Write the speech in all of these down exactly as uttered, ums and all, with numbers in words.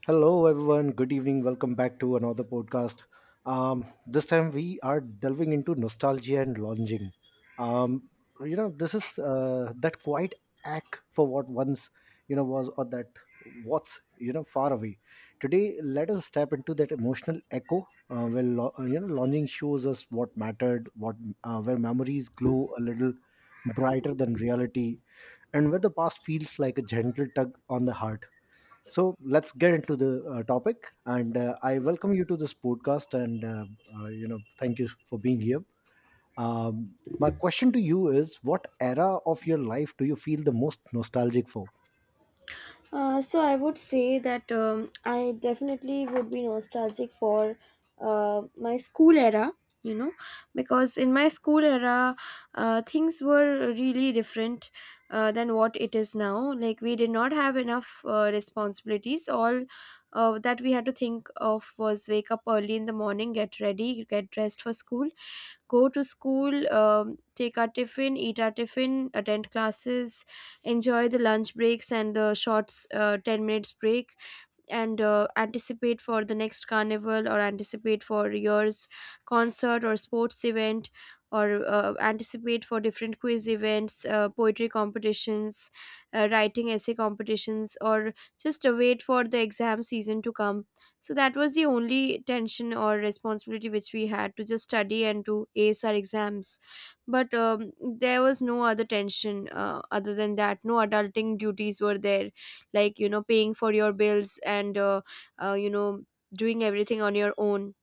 Hello, everyone. Good evening. Welcome back to another podcast. Um, this time we are delving into nostalgia and longing. Um, you know, this is uh, that quiet ache for what once, you know, was, or that what's, you know, far away. Today, let us step into that emotional echo uh, where, lo- uh, you know, longing shows us what mattered, what uh, where memories glow a little brighter than reality, and where the past feels like a gentle tug on the heart. So let's get into the uh, topic, and uh, I welcome you to this podcast. And uh, uh, you know, thank you for being here. Um, my question to you is: what era of your life do you feel the most nostalgic for? Uh, so I would say that um, I definitely would be nostalgic for uh, my school era, you know, because in my school era, uh, things were really different uh, than what it is now. Like we did not have enough uh, responsibilities. All uh, that we had to think of was wake up early in the morning, get ready, get dressed for school, go to school, um, take our tiffin, eat our tiffin, attend classes, enjoy the lunch breaks and the short uh, ten minutes break, and uh, anticipate for the next carnival, or anticipate for year's concert or sports event, or uh, anticipate for different quiz events, uh, poetry competitions, uh, writing essay competitions, or just uh, wait for the exam season to come. So that was the only tension or responsibility, which we had to just study and to ace our exams. But um, there was no other tension uh, other than that. No adulting duties were there, like, you know, paying for your bills and uh, uh, you know, doing everything on your own.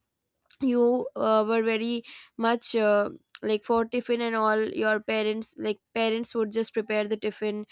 You uh, were very much uh, like, for tiffin and all, your parents, like, parents would just prepare the tiffin.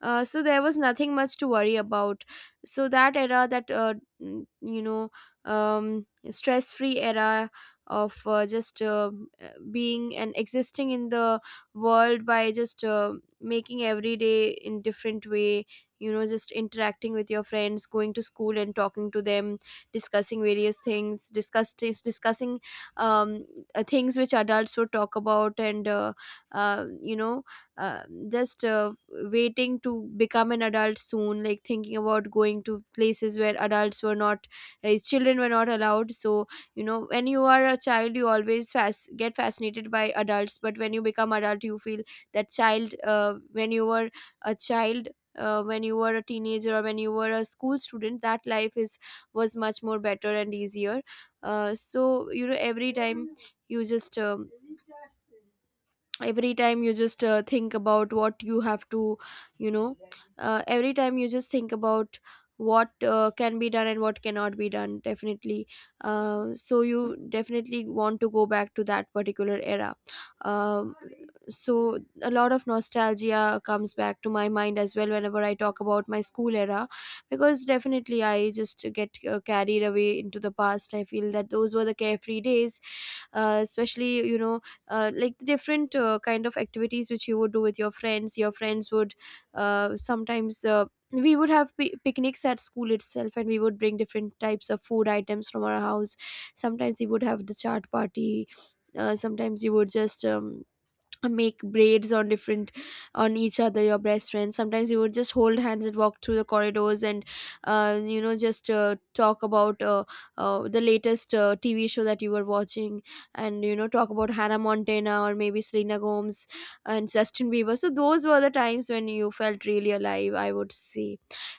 uh, So there was nothing much to worry about. So that era, that uh, n- you know, um, stress free era of uh, just uh, uh, being and existing in the world by just uh, making every day in different way, you know, just interacting with your friends, going to school and talking to them, discussing various things, discuss dis- discussing um, uh, things which adults would talk about, and uh, uh, you know, uh, just uh, waiting to become an adult soon, like thinking about going to places where adults were not, uh, children were not allowed. So, you know, when you are a child, you always fas- get fascinated by adults, but when you become adult, you feel that child, uh, when you were a child, uh, when you were a teenager, or when you were a school student, that life is, was much more better and easier. Uh, so, you know, every time you just um, every time you just uh, think about what you have to, you know, uh, every time you just think about what uh, can be done and what cannot be done. Definitely, uh, so you definitely want to go back to that particular era. um, so a lot of nostalgia comes back to my mind as well whenever I talk about my school era, because definitely I just get uh, carried away into the past. I feel that those were the carefree days, uh, especially, you know, uh, like the different uh, kind of activities which you would do with your friends. Your friends would uh, sometimes uh, we would have pi picnics at school itself, and we would bring different types of food items from our house. Sometimes we would have the chart party, uh, sometimes you would just um, make braids on different, on each other, your best friends. Sometimes you would just hold hands and walk through the corridors and uh, you know, just uh, talk about uh, uh, the latest uh, TV show that you were watching, and, you know, talk about Hannah Montana, or maybe Selena Gomez and Justin Bieber. So those were the times when you felt really alive, I would say.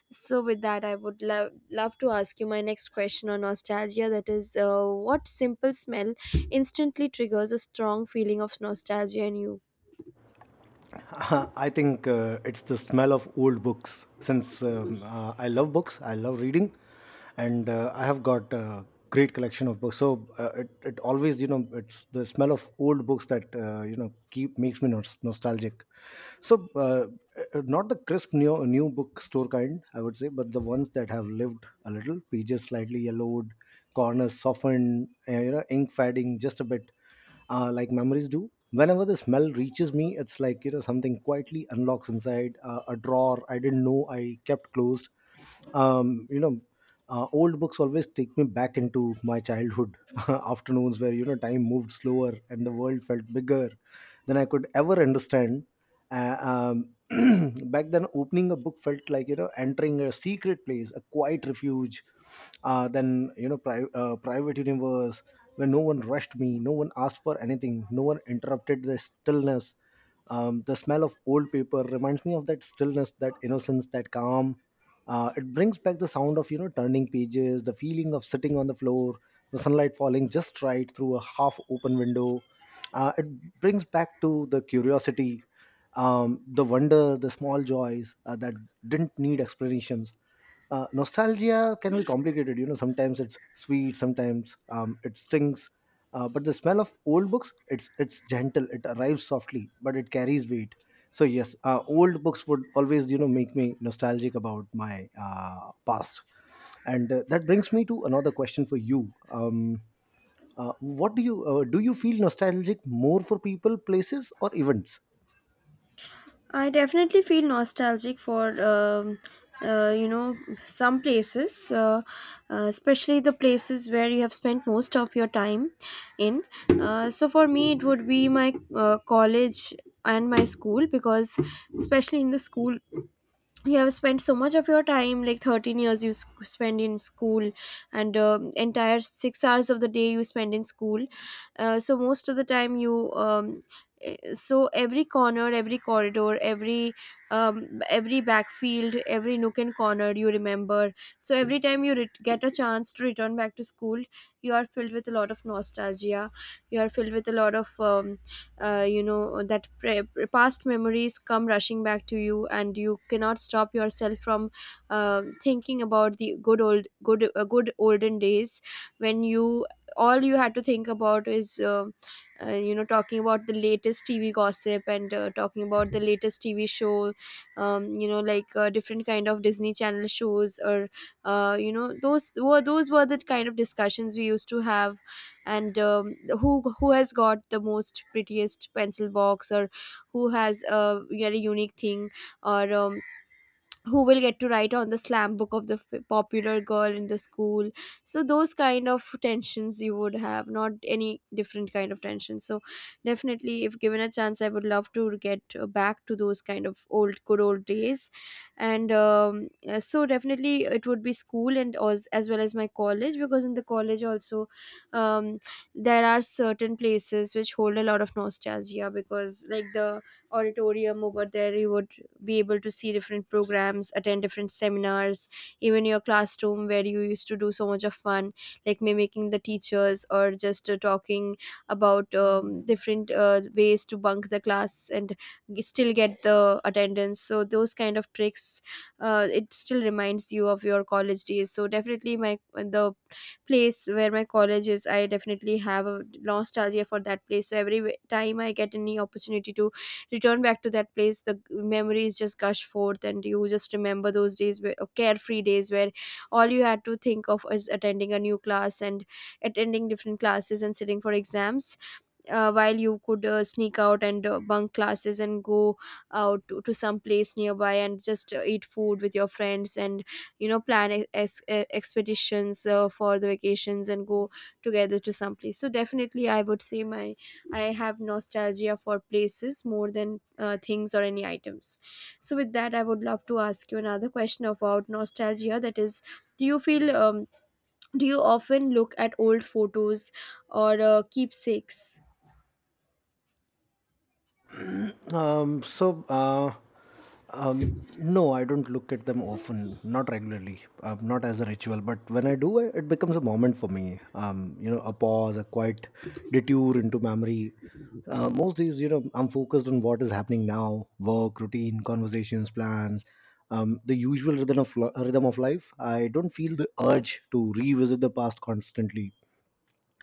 So with that, i would love love to ask you my next question on nostalgia, that is, uh, what simple smell instantly triggers a strong feeling of nostalgia in you? Uh, I think uh, it's the smell of old books. Since um, uh, I love books, I love reading, and uh, I have got a great collection of books. So uh, it, it always, you know, it's the smell of old books that uh, you know keep makes me nos- nostalgic. So uh, uh, Not the crisp new new bookstore kind, I would say, but the ones that have lived a little, pages slightly yellowed, corners softened, uh, you know, ink fading just a bit, uh, like memories do. Whenever the smell reaches me, it's like you know something quietly unlocks inside, uh, a drawer I didn't know I kept closed. Um, you know, uh, Old books always take me back into my childhood afternoons where you know time moved slower and the world felt bigger than I could ever understand. Uh, um, Back then, opening a book felt like you know entering a secret place, a quiet refuge, uh, than you know pri- uh, private universe where no one rushed me, no one asked for anything, no one interrupted the stillness. Um, the smell of old paper reminds me of that stillness, that innocence, that calm. Uh, it brings back the sound of you know turning pages, the feeling of sitting on the floor, the sunlight falling just right through a half-open window. Uh, it brings back to the curiosity, um, the wonder, the small joys uh, that didn't need explanations. Uh, nostalgia can be complicated. You know, sometimes it's sweet, sometimes um, it stings, uh, but the smell of old books, it's it's gentle. It arrives softly, but it carries weight. So yes, uh, old books would always you know make me nostalgic about my uh, past, and uh, that brings me to another question for you. Um, uh, what do you uh, do? You feel nostalgic more for people, places, or events? I definitely feel nostalgic for um uh, you know, some places, uh, uh, especially the places where you have spent most of your time in. Uh, so for me, it would be my uh, college and my school, because, especially in the school, you have spent so much of your time, like thirteen years you s- spend in school, and um, entire six hours of the day you spend in school. Uh, so most of the time you um, eh, so every corner, every corridor, every um, every backfield, every nook and corner you remember. So every time you ret- get a chance to return back to school, you are filled with a lot of nostalgia. You are filled with a lot of um, uh, you know, that pre- pre- past memories come rushing back to you, and you cannot stop yourself from uh, thinking about the good old good uh, good olden days, when you, all you had to think about is uh, uh, you know, talking about the latest TV gossip, and uh, talking about the latest TV show, um, you know, like uh, different kind of Disney Channel shows, or uh, you know, those were those were the kind of discussions we used to have. And um, who who has got the most prettiest pencil box, or who has a very unique thing, or um, who will get to write on the slam book of the f- popular girl in the school. So those kind of tensions you would have, not any different kind of tension. So definitely, if given a chance, I would love to get uh, back to those kind of old good old days. And um, uh, so definitely it would be school, and as, as well as my college, because in the college also, um, there are certain places which hold a lot of nostalgia, because like the auditorium over there, you would be able to see different programs, attend different seminars, even your classroom, where you used to do so much of fun, like mimicking the teachers, or just uh, talking about um, different uh, ways to bunk the class and g- still get the attendance. So those kind of tricks, uh, it still reminds you of your college days. So definitely my, the place where my college is, I definitely have a nostalgia for that place. So every w- time I get any opportunity to return back to that place, the memories just gush forth, and you just remember those days where uh, carefree days, where all you had to think of is attending a new class, and attending different classes, and sitting for exams, uh, while you could uh, sneak out and uh, bunk classes and go out to, to some place nearby and just uh, eat food with your friends, and, you know, plan ex- ex- uh, expeditions uh, for the vacations, and go together to some place. So definitely I would say, my, I have nostalgia for places more than uh, things or any items. So with that, I would love to ask you another question about nostalgia, that is, do you feel um, do you often look at old photos, or uh, keepsakes? Um, so, uh, um, no, I don't look at them often, not regularly, um, not as a ritual. But when I do, it becomes a moment for me. Um, you know, a pause, a quiet detour into memory. Uh, most days, you know, I'm focused on what is happening now: work, routine, conversations, plans, um, the usual rhythm of li- rhythm of life. I don't feel the urge to revisit the past constantly.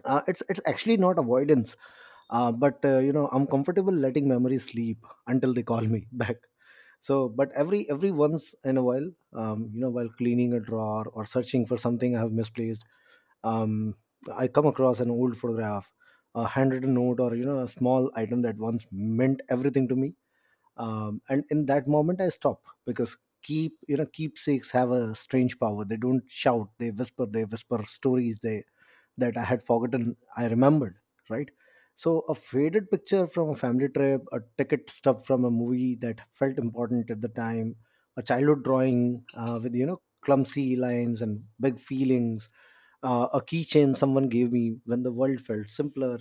Uh, it's it's actually not avoidance, uh, but uh, you know I'm comfortable letting memories sleep until they call me back. So but every every once in a while, um, you know, while cleaning a drawer or searching for something I have misplaced, um, I come across an old photograph, a handwritten note, or you know a small item that once meant everything to me. Um, and in that moment I stop because keep you know keepsakes have a strange power. They don't shout, they whisper. They whisper stories they that I had forgotten I remembered, right? So a faded picture from a family trip, a ticket stub from a movie that felt important at the time, a childhood drawing uh, with you know clumsy lines and big feelings, uh, a keychain someone gave me when the world felt simpler.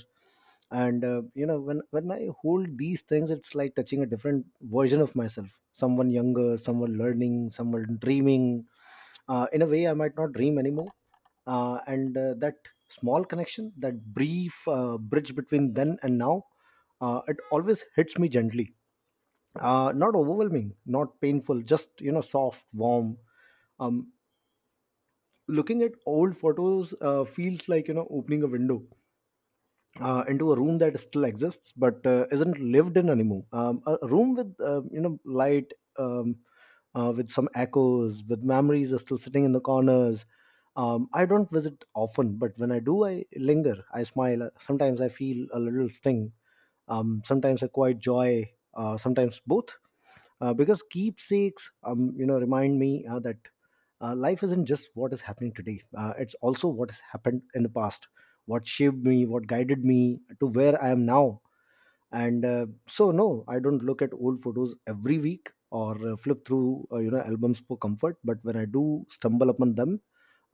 And uh, you know, when when I hold these things, it's like touching a different version of myself, someone younger, someone learning, someone dreaming uh, in a way I might not dream anymore. Uh, and uh, That small connection, that brief uh, bridge between then and now, uh, it always hits me gently, uh, not overwhelming, not painful, just you know soft, warm. um, Looking at old photos uh, feels like you know opening a window uh, into a room that still exists but uh, isn't lived in anymore. Um, a a room with uh, you know light, um, uh, with some echoes, with memories are still sitting in the corners. Um, I don't visit often, but when I do, I linger. I smile. Uh, Sometimes I feel a little sting. Um, sometimes a quiet joy. Uh, sometimes both, uh, because keepsakes um, you know remind me uh, that uh, life isn't just what is happening today, uh, it's also what has happened in the past, what shaped me, what guided me to where I am now. And uh, so no, I don't look at old photos every week or uh, flip through uh, you know albums for comfort, but when I do stumble upon them,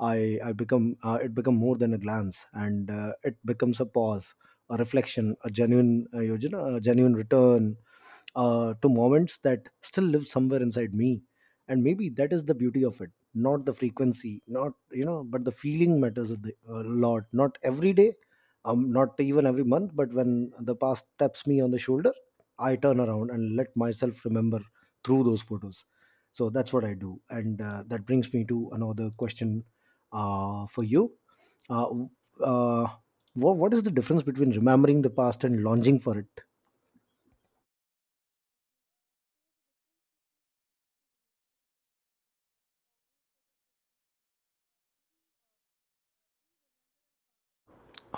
i i become uh, it become more than a glance, and uh, it becomes a pause, a reflection, a genuine uh, you know a genuine return uh, to moments that still live somewhere inside me. And maybe that is the beauty of it, not the frequency, not you know, but the feeling matters a di- a lot. Not every day, um, not even every month, but when the past taps me on the shoulder, I turn around and let myself remember through those photos. So that's what I do, and uh, that brings me to another question uh, for you. uh, w- uh, what, what is the difference between remembering the past and longing for it?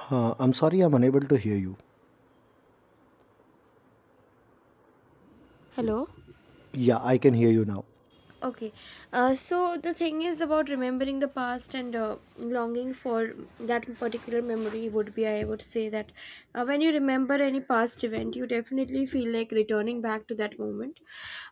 Uh, I'm sorry, I'm unable to hear you. Hello. Yeah, I can hear you now. Okay. Uh, so the thing is, about remembering the past and uh, longing for that particular memory would be, I would say that uh, when you remember any past event, you definitely feel like returning back to that moment.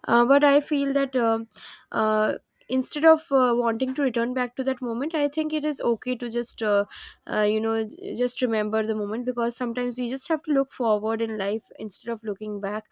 Uh, but I feel that um uh, instead of uh, wanting to return back to that moment, I think it is okay to just, uh, uh, you know, j- just remember the moment, because sometimes you just have to look forward in life instead of looking back.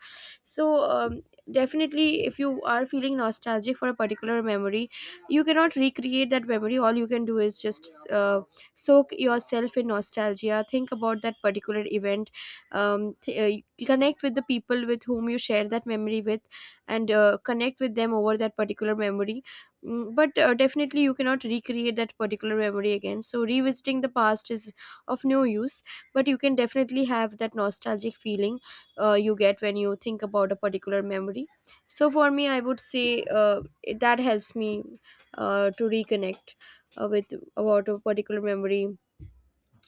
So um, definitely, if you are feeling nostalgic for a particular memory, you cannot recreate that memory. All you can do is just uh, soak yourself in nostalgia, think about that particular event, um, th- uh, connect with the people with whom you share that memory with, and uh, connect with them over that particular memory. Mm, but uh, definitely you cannot recreate that particular memory again, so revisiting the past is of no use. But you can definitely have that nostalgic feeling uh, you get when you think about a particular memory. So for me, I would say uh, it- that helps me uh, to reconnect uh, with, about a particular memory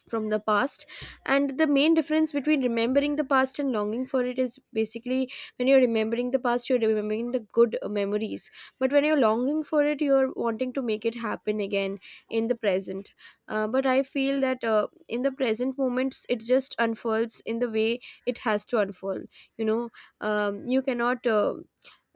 from the past. And the main difference between remembering the past and longing for it is basically, when you're remembering the past, you're remembering the good uh, memories, but when you're longing for it, you're wanting to make it happen again in the present. Uh, but I feel that uh, in the present moments, it just unfolds in the way it has to unfold, you know. Um, you cannot uh,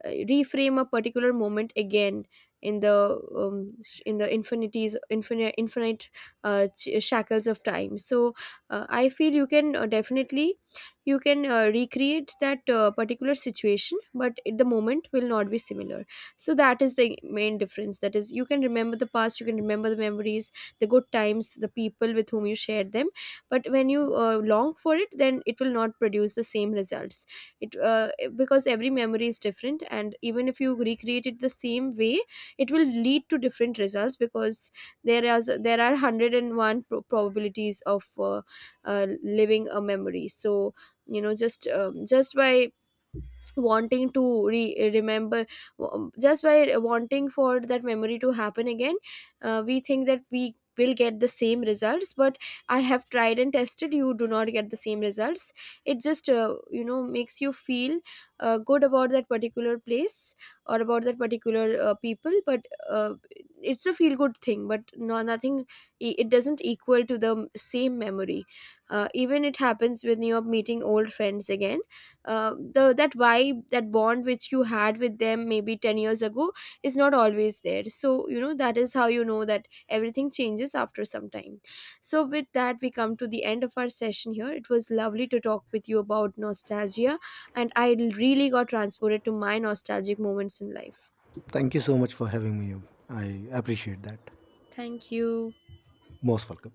uh, reframe a particular moment again in the um, sh- in the infinities infinite infinite uh, ch- shackles of time. So uh, I feel you can uh, definitely, you can uh, recreate that uh, particular situation, but it- the moment will not be similar. So that is the main difference, that is, you can remember the past, you can remember the memories, the good times, the people with whom you shared them. But when you uh, long for it, then it will not produce the same results. It uh, eh, because every memory is different, and even if you recreate it the same way, it will lead to different results, because there is there are a hundred and one pro- probabilities of uh, uh, living a memory. So, you know, just um, just by wanting to re- remember, w- just by wanting for that memory to happen again, uh, we think that we will get the same results, but I have tried and tested, you do not get the same results. It just uh, you know, makes you feel uh, good about that particular place, or about that particular uh, people. But uh, it's a feel good thing, but no, nothing, it doesn't equal to the same memory. Uh, even it happens when you're meeting old friends again, uh, the that vibe, that bond which you had with them maybe ten years ago, is not always there. So, you know, that is how you know that everything changes after some time. So with that, we come to the end of our session here. It was lovely to talk with you about nostalgia, and I really got transported to my nostalgic moments in life. Thank you so much for having me here. I appreciate that. Thank you. Most welcome.